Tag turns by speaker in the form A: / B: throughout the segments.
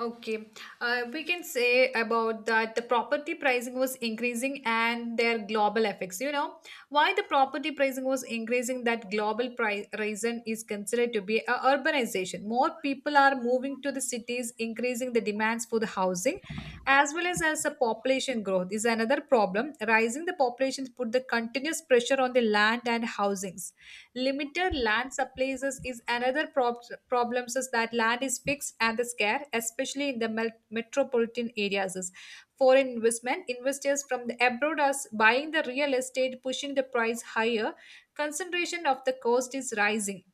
A: Okay, we can say about that the property pricing was increasing and their global effects. Why the property pricing was increasing, that global price reason is considered to be a urbanization. More people are moving to the cities, increasing the demands for the housing, as well as a population growth is another problem. Rising the populations put the continuous pressure on the land and housings. Limited land supplies is another problem is that land is fixed and is scarce, especially in the metropolitan areas. Is. Foreign investment investors from the abroad are buying the real estate, pushing the price higher. Concentration of the cost is rising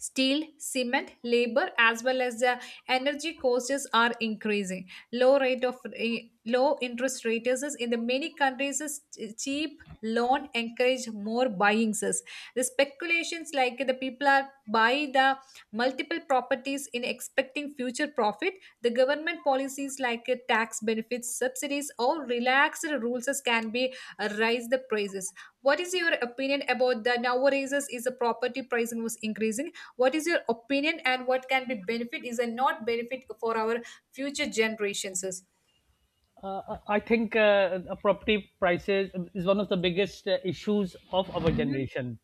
A: steel cement labor as well as the energy costs are increasing low rate of low interest rates is in the many countries is cheap loan encourage more buyings is. The speculations like the people are buy the multiple properties in expecting future profit the government policies like tax benefits subsidies or relaxed rules is can be raise the prices. What is your opinion about the nowadays is the property pricing was increasing? What is your opinion and what can be benefit is a not benefit for our future generations is?
B: I think property prices is one of the biggest issues of our
A: Mm-hmm.
B: generation.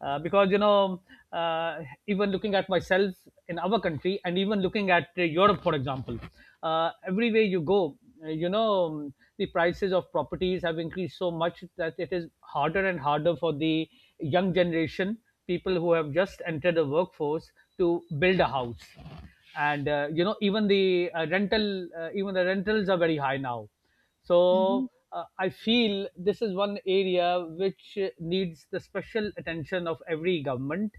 B: Because uh, even looking at myself in our country, and even looking at Europe, for example, everywhere you go, the prices of properties have increased so much that it is harder and harder for the young generation, people who have just entered the workforce, to build a house, and even the rental even the rentals are very high now. So
A: Mm-hmm.
B: I feel this is one area which needs the special attention of every government,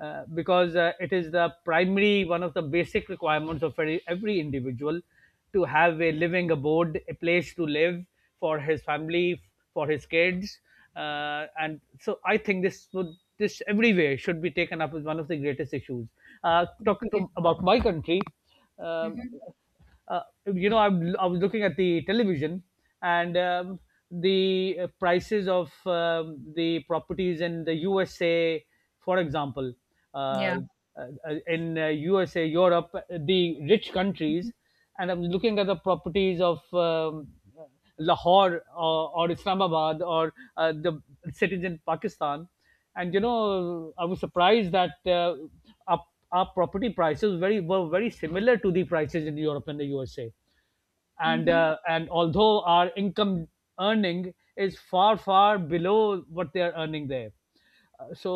B: because it is the primary one of the basic requirements of every individual, to have a living abode, a place to live, for his family, for his kids. And so I think this would, this everywhere should be taken up as one of the greatest issues. Uh, talking
A: Yeah.
B: to, about my country, um,
A: Mm-hmm.
B: uh, I was looking at the television, and the prices of the properties in the USA, for example,
A: Yeah.
B: uh, uh, in USA, Europe, the rich
A: Mm-hmm.
B: countries, and I'm looking at the properties of Lahore, or Islamabad, or the cities in Pakistan. And you know, I was surprised that our, our property prices very were very similar to the prices in Europe and the USA. And
A: Mm-hmm.
B: uh, and although our income earning is far below what they are earning there. Uh, so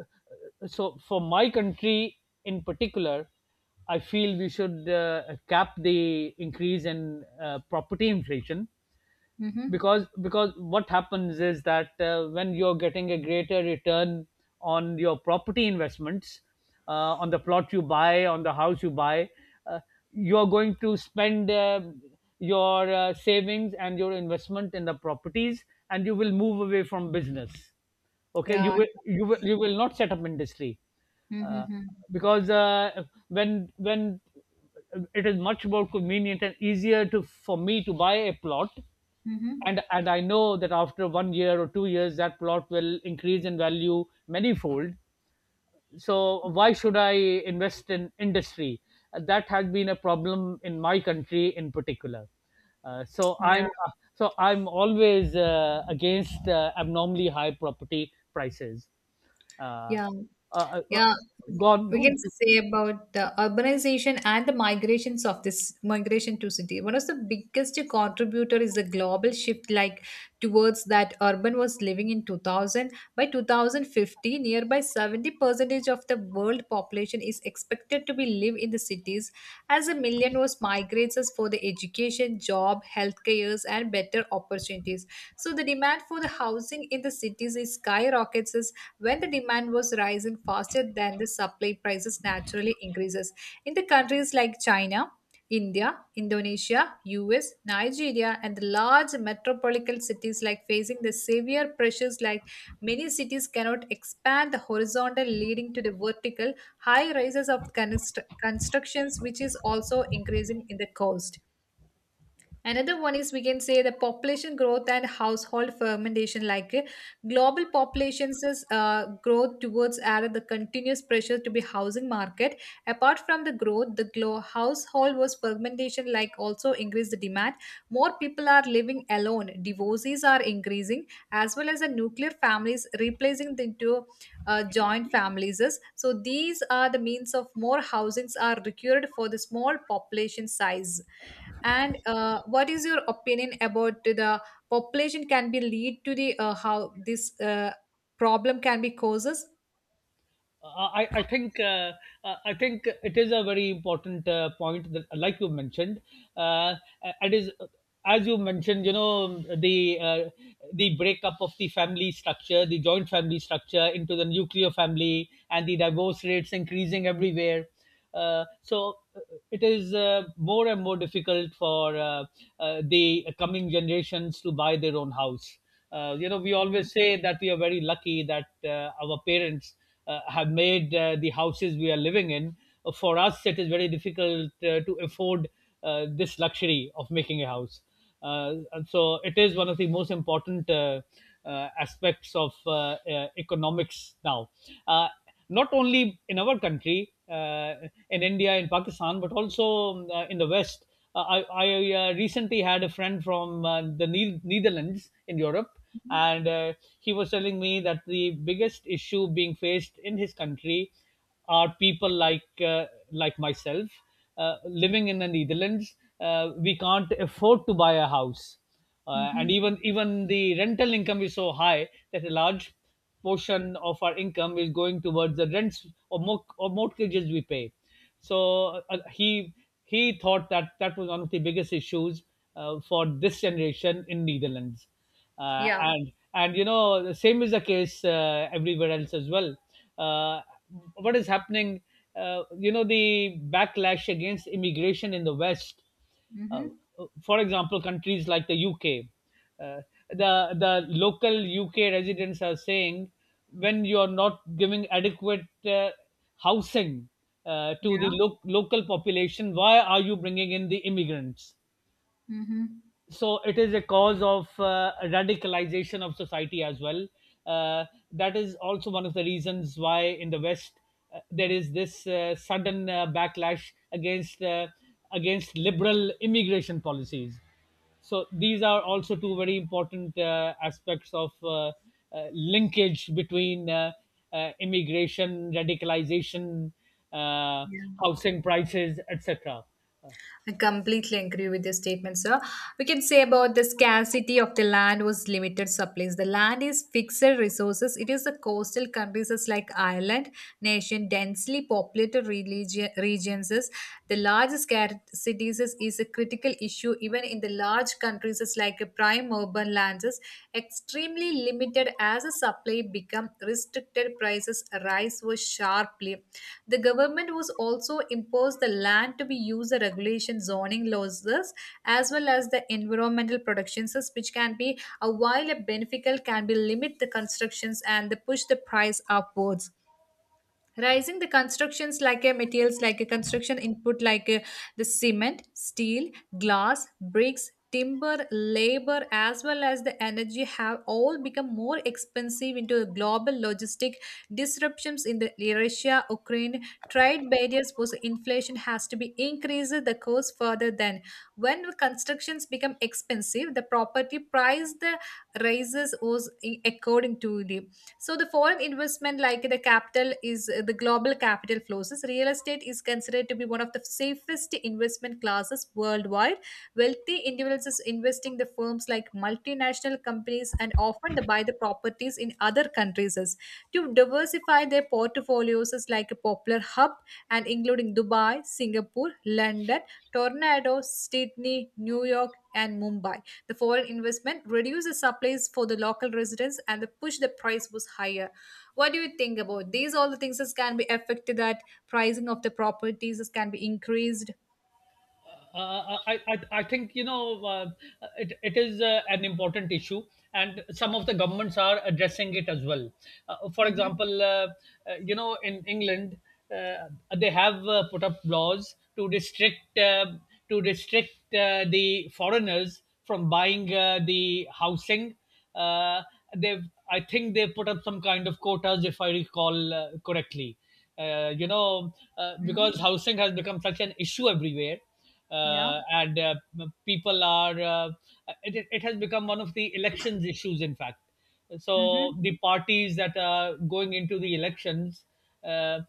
B: uh, so for my country in particular, I feel we should cap the increase in property inflation, because what happens is that when you're getting a greater return on your property investments, on the plot you buy, on the house you buy, uh, you're going to spend your savings and your investment in the properties, and you will move away from business. Okay, you
A: Yeah.
B: will you will, you will not set up industry, uh,
A: Mm-hmm.
B: because when it is much more convenient and easier to for me to buy a plot,
A: Mm-hmm.
B: and I know that after 1 year or 2 years, that plot will increase in value many fold. So why should I invest in industry? That has been a problem in my country in particular. Uh, so I'm
A: Yeah.
B: uh, so I'm always against abnormally high property prices. Uh,
A: Yeah,
B: uh, uh,
A: yeah.
B: Go on, go
A: We
B: on.
A: can say about the urbanization and the migrations of this migration to city. One of the biggest contributor is the global shift, like towards that urban was living in 2000. By 2050, nearby 70 percentage of the world population is expected to be live in the cities, as a million was migrates us for the education, job, healthcare, and better opportunities. So the demand for the housing in the cities is skyrockets when the demand was rising faster than the supply prices naturally increases in the countries like China, India, Indonesia, US, Nigeria, and the large metropolitan cities like facing the severe pressures like many cities cannot expand the horizontal leading to the vertical high rises of constructions which is also increasing in the cost. Another one is we can say the population growth and household fermentation. Like global populations is, growth towards added the continuous pressure to be housing market. Apart from the growth, the household was fermentation like also increase the demand. More people are living alone. Divorces are increasing as well as the nuclear families replacing the into joint families. So these are the means of more housings are required for the small population size and what is your opinion about the population can be lead to the how this problem can be causes?
B: Uh, I think I think it is a very important point that, like you mentioned, uh, it is as you mentioned. You know the breakup of the family structure, the joint family structure into the nuclear family, and the divorce rates increasing everywhere. So it is more and more difficult for the coming generations to buy their own house. You know, we always
A: Yeah.
B: say that we are very lucky that our parents have made the houses we are living in. For us, it is very difficult to afford this luxury of making a house. And so it is one of the most important aspects of economics now. Uh, Not only in our country, in India, in Pakistan, but also in the West. I recently had a friend from the Netherlands in Europe, and he was telling me that the biggest issue being faced in his country are people like myself living in the Netherlands. We can't afford to buy a house, and
A: Mm-hmm.
B: even the rental income is so high that a large portion of our income is going towards the rents, or mortgages we pay. So he thought that that was one of the biggest issues for this generation in Netherlands, uh,
A: Yeah.
B: and and you know the same is the case everywhere else as well. Uh, what is happening? You know, the backlash against immigration in the West, uh,
A: Mm-hmm.
B: for example, countries like the UK, uh, the the local UK residents are saying, when you are not giving adequate housing to the
A: Yeah.
B: local population, why are you bringing in the immigrants?
A: Mm-hmm.
B: So it is a cause of radicalization of society as well. uh, that is also one of the reasons why in the West there is this sudden backlash against against liberal immigration policies. So these are also two very important aspects of linkage between immigration, radicalization, uh,
A: Yeah.
B: housing prices, etc.
A: I completely agree with your statement, sir. We can say about the scarcity of the land was limited supplies. The land is fixed resources. It is the coastal countries is like Ireland, nation densely populated regions. Is- The large scarcities is a critical issue even in the large countries is like a prime urban lands is extremely limited as a supply become restricted prices rise was sharply the government was also imposed the land to be used the regulation zoning losses as well as the environmental protections which can be a while a beneficial can be limit the constructions and the push the price upwards. Rising the constructions like a materials like a construction input like the cement, steel, glass, bricks, timber, labor, as well as the energy have all become more expensive into the global logistic disruptions in the Russia, Ukraine, trade barriers post inflation has to be increased the cost further than when constructions become expensive, the property price the rises was according to the so the foreign investment, like the capital, is the global capital flows. Real estate is considered to be one of the safest investment classes worldwide. Wealthy individuals is investing the firms like multinational companies and often they buy the properties in other countries as- to diversify their portfolios is like a popular hub and including Dubai, Singapore, London, Tornado, Sydney, New York, and Mumbai. The foreign investment reduced the supplies for the local residents and the push the price was higher. What do you think about these? All the things that can be affected that pricing of the properties this can be increased.
B: I think you know it is an important issue, and some of the governments are addressing it as well, uh, for
A: Mm-hmm.
B: example uh, uh, you know in England, uh, they have put up laws to restrict the foreigners from buying the housing. Uh, they've I think they put up some kind of quotas if I recall correctly. You know, because
A: Mm-hmm.
B: housing has become such an issue everywhere,
A: Yeah.
B: and people are it has become one of the elections issues, in fact.
A: Mm-hmm.
B: So the parties that are going into the elections, uh,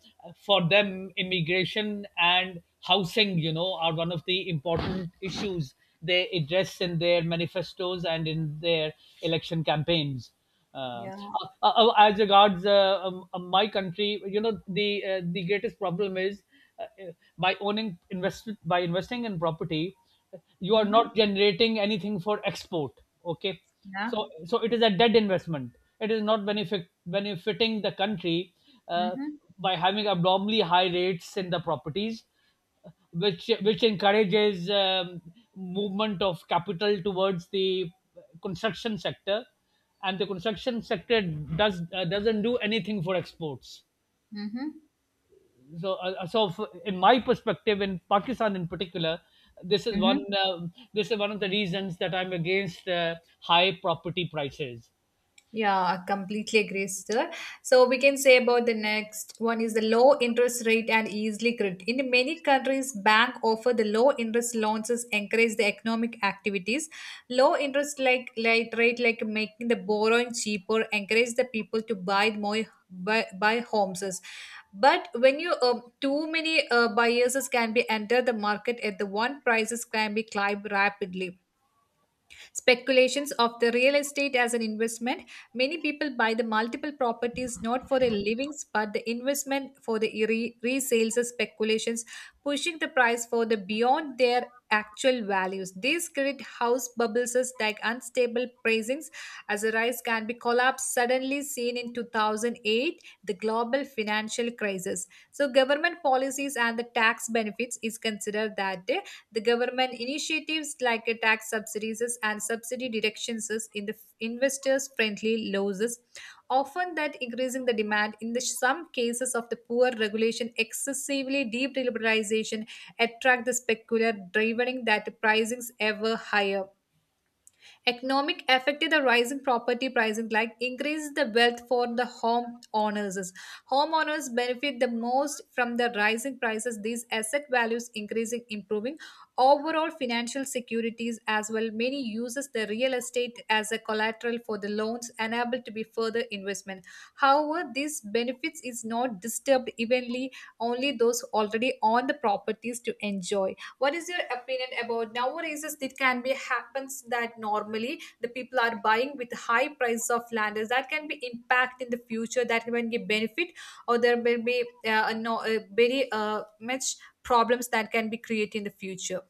B: for them, immigration and housing, you know, are one of the important issues they address in their manifestos and in their election campaigns.
A: Yeah.
B: As regards my country, you know, the greatest problem is, uh, by owning investment, by investing in property, you are
A: Mm-hmm.
B: not generating anything for export. Okay,
A: Yeah.
B: so it is a dead investment. It is not benefiting the country, uh,
A: Mm-hmm.
B: by having abnormally high rates in the properties, which encourages movement of capital towards the construction sector, and the construction sector does doesn't do anything for exports.
A: Mm-hmm.
B: So in my perspective, in Pakistan in particular, this is one,
A: Mm-hmm.
B: uh, this is one of the reasons that I'm against high property prices.
A: Yeah, I completely agree, sir. So we can say about the next one is the low interest rate and easily credit. In many countries, bank offer the low interest loans to encourage the economic activities. Low interest like rate like making the borrowing cheaper, encourage the people to buy more buy homes. But when you too many buyers can be enter the market at the one prices can be climb rapidly. Speculations of the real estate as an investment. Many people buy the multiple properties not for their livings but the investment for the resales or speculations, pushing the price for the beyond their actual values. These create house bubbles as like unstable pricings as a rise can be collapsed suddenly seen in 2008, the global financial crisis. So government policies and the tax benefits is considered that day. The government initiatives like a tax subsidies and subsidy directions in the investors friendly laws often that increasing the demand in the some cases of the poor regulation excessively deep liberalization attract the specular driving that pricings ever higher. Economic affected the rising property prices, like increase the wealth for the home owners. Homeowners benefit the most from the rising prices. These asset values increasing, improving overall financial securities as well. Many uses the real estate as a collateral for the loans, enable to be further investment. However, these benefits is not disturbed evenly. Only those already on the properties to enjoy. What is your opinion about nowadays is it can be happens that normally the people are buying with high price of land is that can be impact in the future that can be benefit or there will be no very much problems that can be created in the future?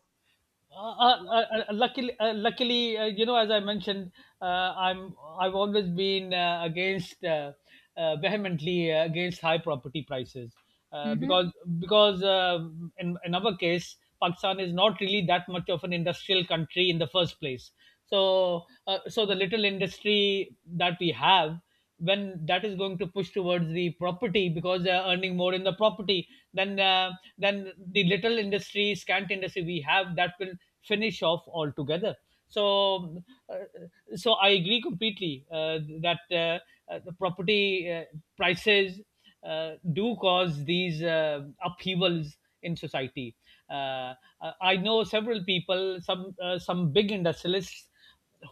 B: uh, uh, Luckily, you know, as I mentioned, uh, I've always been against vehemently against high property prices,
A: Mm-hmm.
B: because because uh, in our case, Pakistan is not really that much of an industrial country in the first place. So the little industry that we have, when that is going to push towards the property because they are earning more in the property, then uh, then the little industry, scant industry we have, that will finish off altogether. So uh, so I agree completely that the property prices do cause these upheavals in society. uh, I know several people, some big industrialists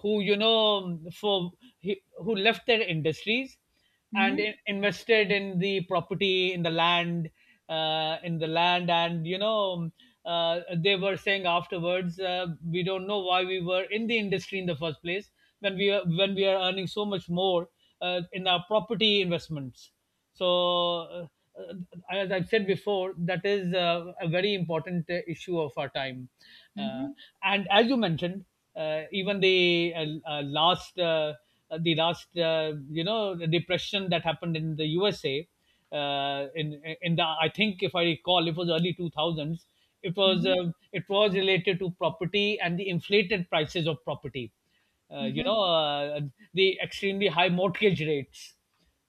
B: who, you know, who left their industries and
A: Mm-hmm.
B: invested in the property, in the land, in the land, and you know, they were saying afterwards, we don't know why we were in the industry in the first place, when we are, when we are earning so much more in our property investments. So uh, uh, as I've said before, that is a very important issue of our time, uh,
A: Mm-hmm.
B: and as you mentioned, even the last the last you know, the depression that happened in the USA, in the I think if I recall it was early 2000s. it was
A: Mm-hmm.
B: uh, it was related to property and the inflated prices of property. You
A: Mm-hmm.
B: know, the extremely high mortgage rates,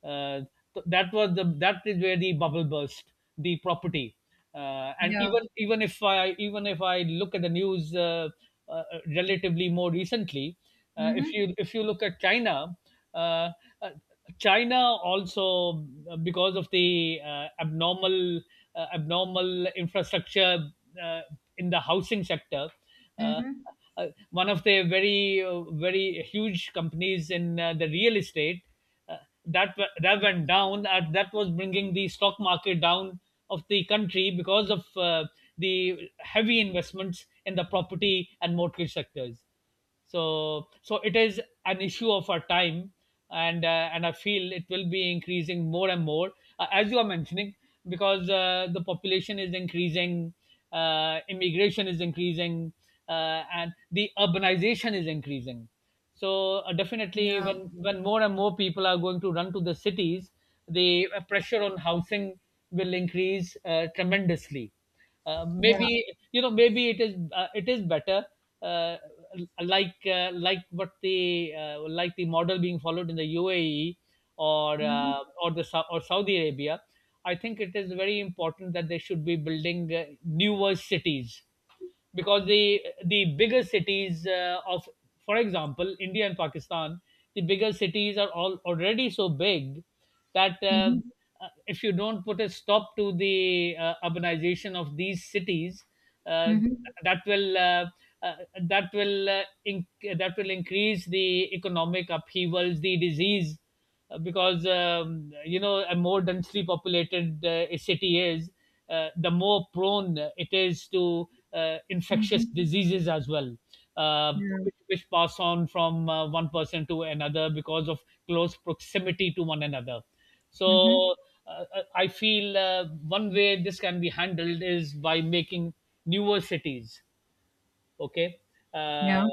B: uh, that was the, that is where the bubble burst, the property. And
A: Yeah.
B: even if I look at the news, uh, relatively more recently, if
A: Mm-hmm.
B: you, if you look at China, uh, uh, China also, because of the abnormal abnormal infrastructure uh, in the housing sector, uh,
A: Mm-hmm.
B: one of the very very huge companies in the real estate, uh, that went down, and that was bringing the stock market down of the country, because of the heavy investments in the property and mortgage sectors. So so it is an issue of our time, and I feel it will be increasing more and more as you are mentioning, because the population is increasing, immigration is increasing, and the urbanization is increasing. So definitely, when
A: Yeah.
B: when more and more people are going to run to the cities, the pressure on housing will increase tremendously.
A: Yeah.
B: Maybe you know, maybe it is, it is better, uh, like what the like the model being followed in the UAE, or
A: Mm-hmm.
B: or Saudi Arabia. I think it is very important that they should be building newer cities because the bigger cities of, for example, India and Pakistan. The bigger cities are all already so big that uh,
A: Mm-hmm.
B: uh, if you don't put a stop to the urbanization of these cities, uh,
A: Mhm.
B: that will uh, uh, that will increase the economic upheavals, the disease, because a more densely populated a city is, the more prone it is to infectious
A: Mhm.
B: diseases as well, uh,
A: Yeah.
B: which pass on from one person to another because of close proximity to one another.
A: Mhm.
B: So uh, I feel one way this can be handled is by making newer cities. Okay. uh, uh,
A: Yeah.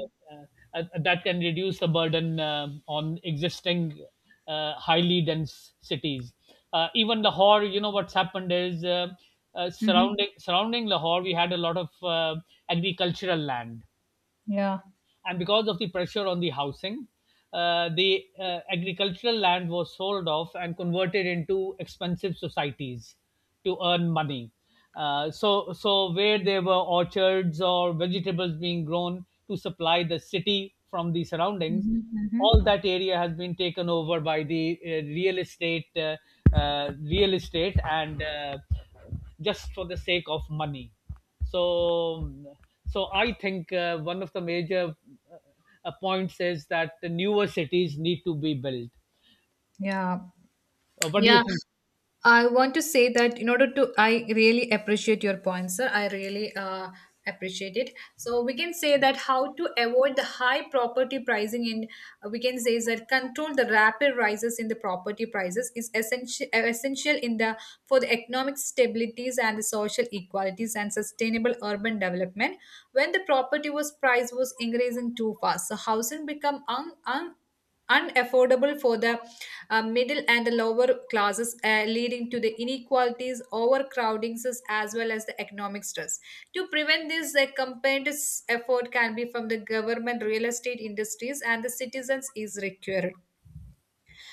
B: that can reduce the burden on existing highly dense cities. Even Lahore, you know what's happened is
A: Mhm.
B: surrounding Lahore, we had a lot of agricultural land,
A: Yeah.
B: and because of the pressure on the housing, the agricultural land was sold off and converted into expensive societies to earn money. So where there were orchards or vegetables being grown to supply the city from the surroundings,
A: Mhm. Mhm.
B: all that area has been taken over by the real estate, and just for the sake of money. So so I think one of the major uh, points is that the newer cities need to be built.
A: Yeah.
B: What do you
A: Yeah,
B: think?
A: I want to say that in order to, I really appreciate your points, sir. I really appreciate it. So we can say that how to avoid the high property pricing in, we can say is that control the rapid rises in the property prices is essential in the for the economic stabilities and the social equalities and sustainable urban development. When the property was price was increasing too fast, so housing become un, un unaffordable for the middle and the lower classes, leading to the inequalities, overcrowdings, as well as the economic stress. To prevent this, a combined effort can be from the government, real estate industries, and the citizens is required.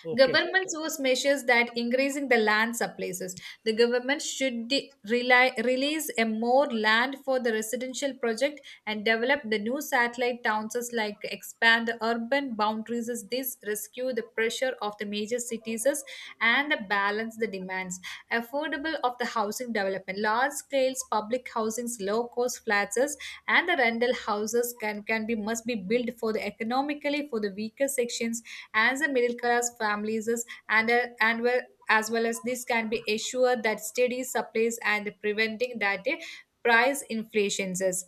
B: Okay.
A: Governments use measures that increasing the land surpluses. The government should rely, release a more land for the residential project and develop the new satellite towns as like expand the urban boundaries as this rescue the pressure of the major cities as and the balance the demands. Affordable of the housing development. Large scales public housings, low cost flats as and the rental houses can be must be built for the economically for the weaker sections as a middle class families is- and well as this can be assured that steady supplies and preventing that price inflations is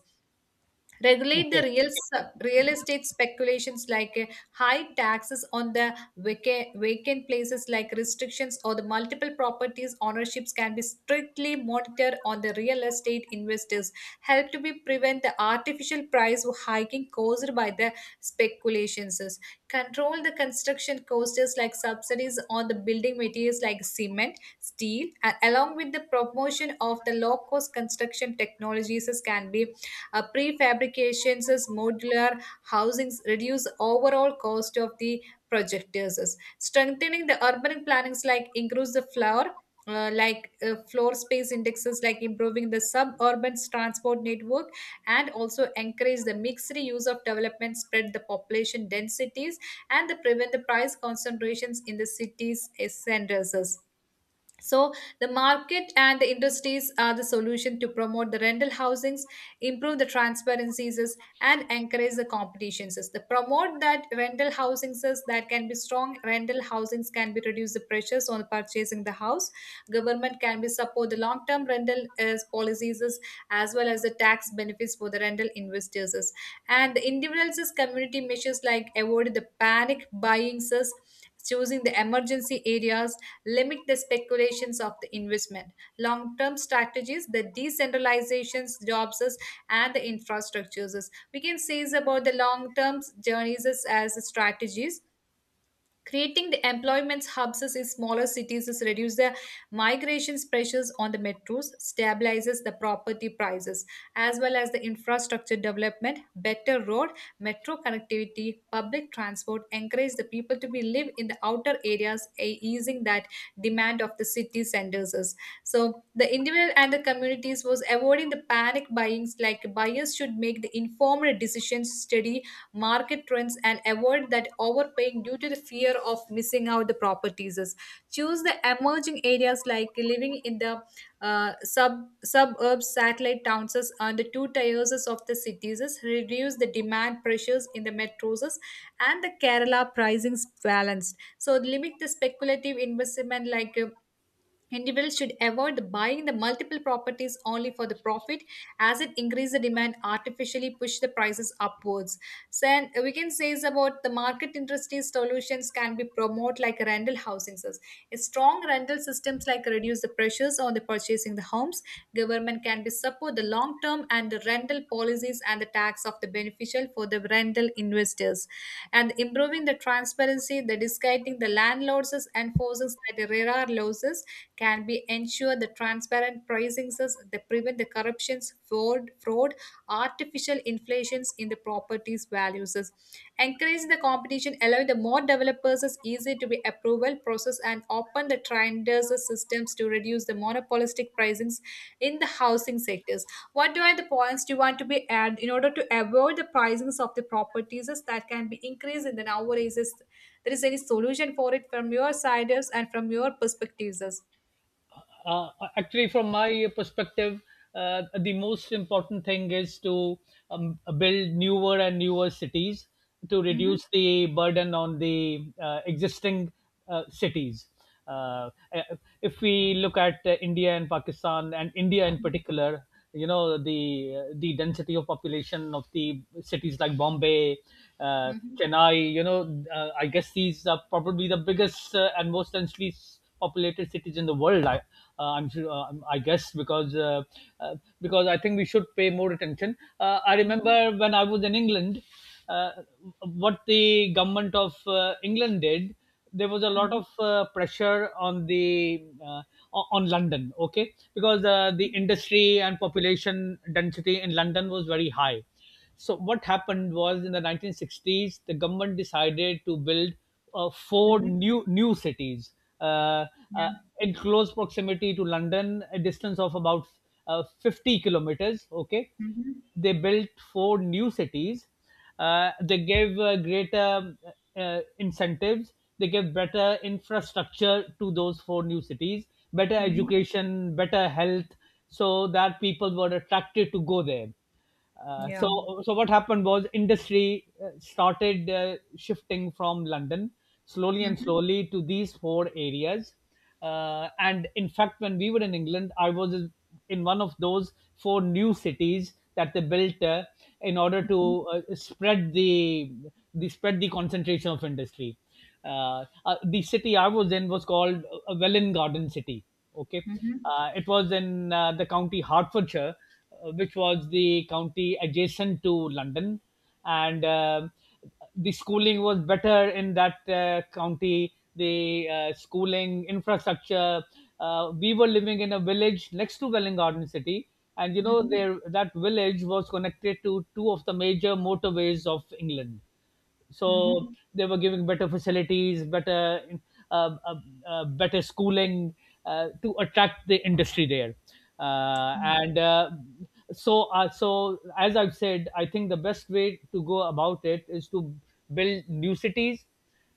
A: regulate the
B: Okay.
A: real real estate speculations like high taxes on the vacant places like restrictions or the multiple properties ownerships can be strictly monitored on the real estate investors help to be prevent the artificial price hiking caused by the speculations control the construction costs like subsidies on the building materials like cement steel and along with the promotion of the low cost construction technologies can be prefabrications as modular housings reduce overall cost of the project. Strengthening the urban plannings like increase the floor floor space indexes like improving the suburban transport network and also encourage the mixed use of development spread the population densities and the prevent the price concentrations in the cities centers so the market and the industries are the solution to promote the rental housings, improve the transparencies is, and encourage the competitions. Is. The promote that rental housings is that can be strong. Rental housings can be reduce the pressures on purchasing the house. Government can be support the long term rental is, policies is, as well as the tax benefits for the rental investors. Is. And the individuals is community measures like avoid the panic buyings, is, choosing the emergency areas limit the speculations of the investment. Long term strategies, the decentralizations, jobs, and the infrastructures. We can say is about the long term journeys is as strategies. Creating the employment hubs in smaller cities is reduce the migrations pressures on the metros, stabilizes the property prices, as well as the infrastructure development, better road, metro connectivity, public transport, encourage the people to be live in the outer areas, easing that demand of the city centers. Is. So the individual and the communities was avoiding the panic buyings, like buyers should make the informed decisions, study market trends and avoid that overpaying due to the fear of missing out the properties, choose the emerging areas like living in the uh, sub suburbs, satellite towns and the two tiers of the cities reduce the demand pressures in the metros and the kerala pricing balanced. So limit the speculative investment like individuals should avoid buying the multiple properties only for the profit as it increases the demand, artificially push the prices upwards. So and we can say is about the market interesting solutions can be promoted like rental housing. A strong rental systems like reduce the pressures on the purchasing the homes. Government can be support the long term and the rental policies and the tax of the beneficial for the rental investors, and improving the transparency, the disguising the landlords and forces that there are losses can be ensure the transparent pricing that prevent the corruptions, fraud, artificial inflations in the properties values. Encourage the competition, allowing the more developers is easy to be approval process and open the trenders systems to reduce the monopolistic pricings in the housing sectors. What do are the points do you want to be add in order to avoid the pricings of the properties is that can be increased in the nowadays? Is there is any solution for it from your side is and from your perspectives? Is?
B: uh, Actually, from my perspective, the most important thing is to build newer and newer cities to
A: Mhm.
B: reduce the burden on the existing cities. uh, if we look at India and Pakistan, and India in particular, you know the density of population of the cities like Bombay,
A: Mhm.
B: Chennai. You know, I guess these are probably the biggest and most densely populated cities in the world. I'm sure. I guess, because I think we should pay more attention. I
A: Mhm.
B: remember when I was in England, uh, what the government of England did, there was a lot
A: Mhm.
B: of pressure on the on London, okay, because the industry and population density in London was very high. So what happened was in the 1960s, the government decided to build four
A: Mhm.
B: new cities, uh, uh,
A: Yeah.
B: in close proximity to London, a distance of about 50 kilometers. Okay,
A: Mhm.
B: they built four new cities. They gave greater incentives. They gave better infrastructure to those four new cities, better
A: Mhm.
B: education, better health, so that people were attracted to go there. Uh,
A: Yeah.
B: so, so what happened was industry started shifting from London slowly and
A: Mhm.
B: slowly to these four areas. And in fact, when we were in England, I was in one of those four new cities that they built in order to spread the concentration of industry. The city I was in was called Welwyn Garden City. Okay,
A: Mhm.
B: it was in the county Hertfordshire, which was the county adjacent to London, and the schooling was better in that county. The schooling infrastructure. We were living in a village next to Welling Garden City, and you know
A: Mhm.
B: there that village was connected to two of the major motorways of England, so
A: Mhm.
B: they were giving better facilities, better uh, uh, better schooling to attract the industry there, and so as I've said, I think the best way to go about it is to build new cities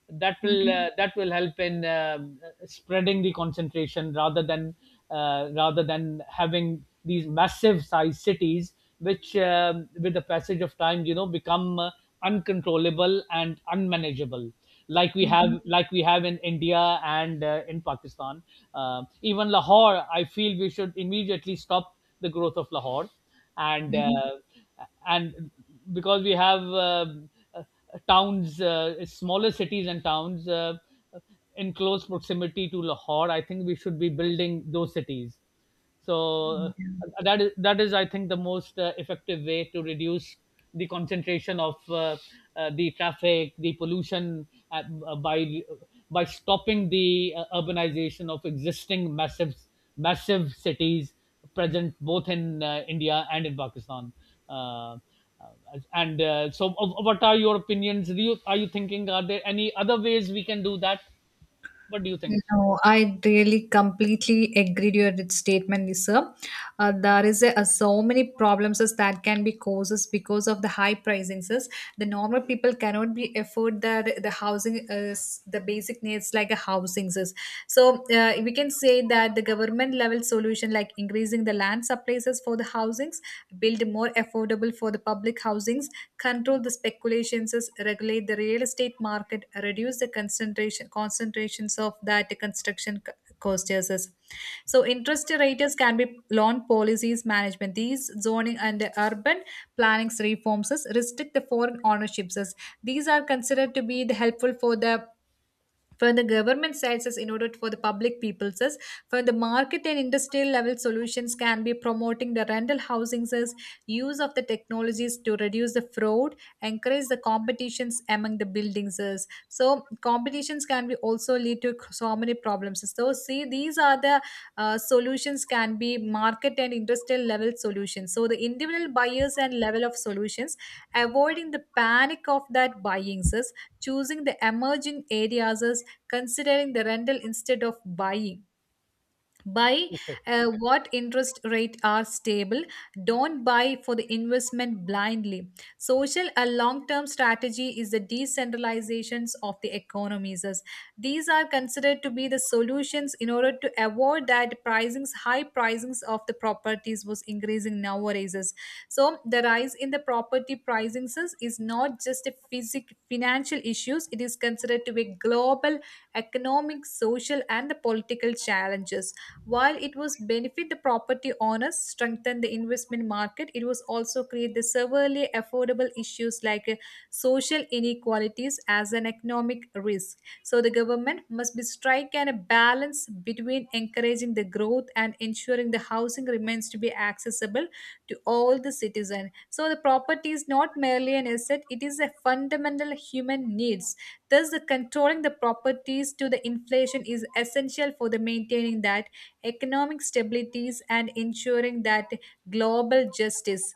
A: Mhm. Mhm.
B: that will help in spreading the concentration rather than having these massive size cities which, with the passage of time, you know, become uncontrollable and unmanageable,
A: Mhm.
B: like we have in India and in Pakistan. Even Lahore, I feel we should immediately stop the growth of Lahore, and uh,
A: Mhm.
B: and because we have smaller cities and towns in close proximity to Lahore. I think we should be building those cities. So that is, I think, the most effective way to reduce the concentration of the traffic, the pollution, by stopping the urbanization of existing massive cities present both in India and in Pakistan. Uh, and so, what are your opinions? Do you Are you thinking? Are there any other ways we can do that? What do you think?
A: No, I really completely agree to your statement, Lisa. There is a, so many problems is that can be causes because of the high prices. Is the normal people cannot be afford the housing, the basic needs like a housing. Is. So we can say that the government level solution like increasing the land surpluses for the housings, build more affordable for the public housings, control the speculations, regulate the real estate market, reduce the concentrations of that construction cost uses. So interest rates can be loan policies management. These zoning and urban planning reforms as restrict the foreign ownerships. As these are considered to be the helpful for the government side says in order for the public people says, for the market and industrial level solutions can be promoting the rental housing says, use of the technologies to reduce the fraud, encourage the competitions among the buildings says so competitions can be also lead to so many problems so see these are the solutions can be market and industrial level solutions. So the individual buyers and level of solutions avoiding the panic of that buying says, choosing the emerging areas, considering the rental instead of buying, buy,
B: Okay.
A: what interest rate are stable, don't buy for the investment blindly, social a long term strategy is the decentralizations of the economies. As these are considered to be the solutions in order to avoid that pricings, high pricings of the properties was increasing nowadays. As so the rise in the property pricings is not just a physic financial issues, it is considered to be global economic social and the political challenges, while it was benefit the property owners, strengthen the investment market, it was also create the severely affordable issues like social inequalities as an economic risk. So the government must be strike and a balance between encouraging the growth and ensuring the housing remains to be accessible to all the citizen. So the property is not merely an asset, it is a fundamental human needs. Thus, the controlling the properties to the inflation is essential for the maintaining that economic stabilities and ensuring that global justice.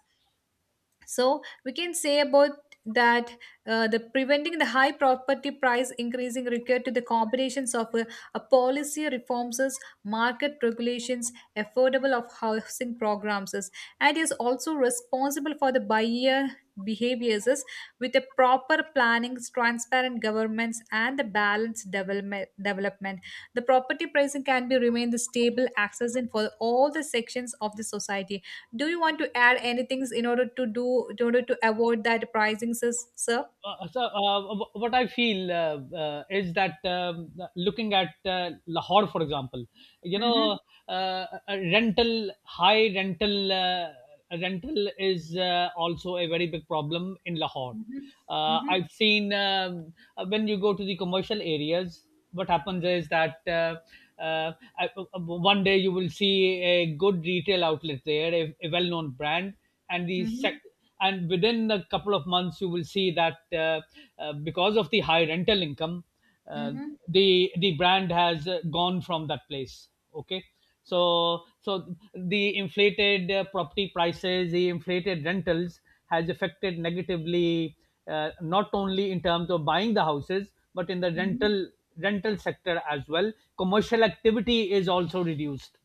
A: So we can say about that the preventing the high property price increasing required to the combinations of a policy reforms, is market regulations, affordable of housing programs, is, and is also responsible for the buyer behaviors is, with a proper planning, transparent governments, and the balanced development. The property pricing can be remain the stable access in for all the sections of the society. Do you want to add anything in order to do in order to avoid that pricing, sis, sir?
B: So, what I feel is that, looking at Lahore, for example, you
A: Mm-hmm.
B: know, a rental high rental, is also a very big problem in Lahore.
A: Mm-hmm. Mm-hmm.
B: I've seen, when you go to the commercial areas, what happens is that uh, one day you will see a good retail outlet there, a well-known brand, and the
A: Mm-hmm.
B: sec- and within a couple of months you will see that because of the high rental income, uh,
A: Mm-hmm.
B: the brand has gone from that place. Okay. So the inflated property prices, the inflated rentals has affected negatively, not only in terms of buying the houses but in the
A: Mm-hmm.
B: rental sector as well. Commercial activity is also reduced.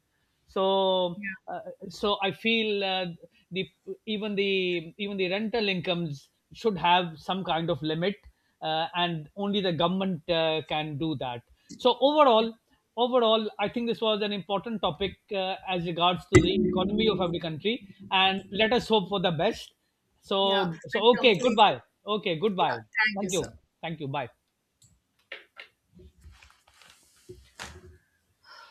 B: So uh, so I feel the even the even the rental incomes should have some kind of limit, and only the government can do that. So, overall, I think this was an important topic, as regards to the economy of every country, and let us hope for the best. so
A: Yeah, I
B: so okay,
A: completely.
B: goodbye. Okay,
A: Yeah,
B: goodbye.
A: thank you,
B: Thank you.
A: sir.
B: Thank you. Bye.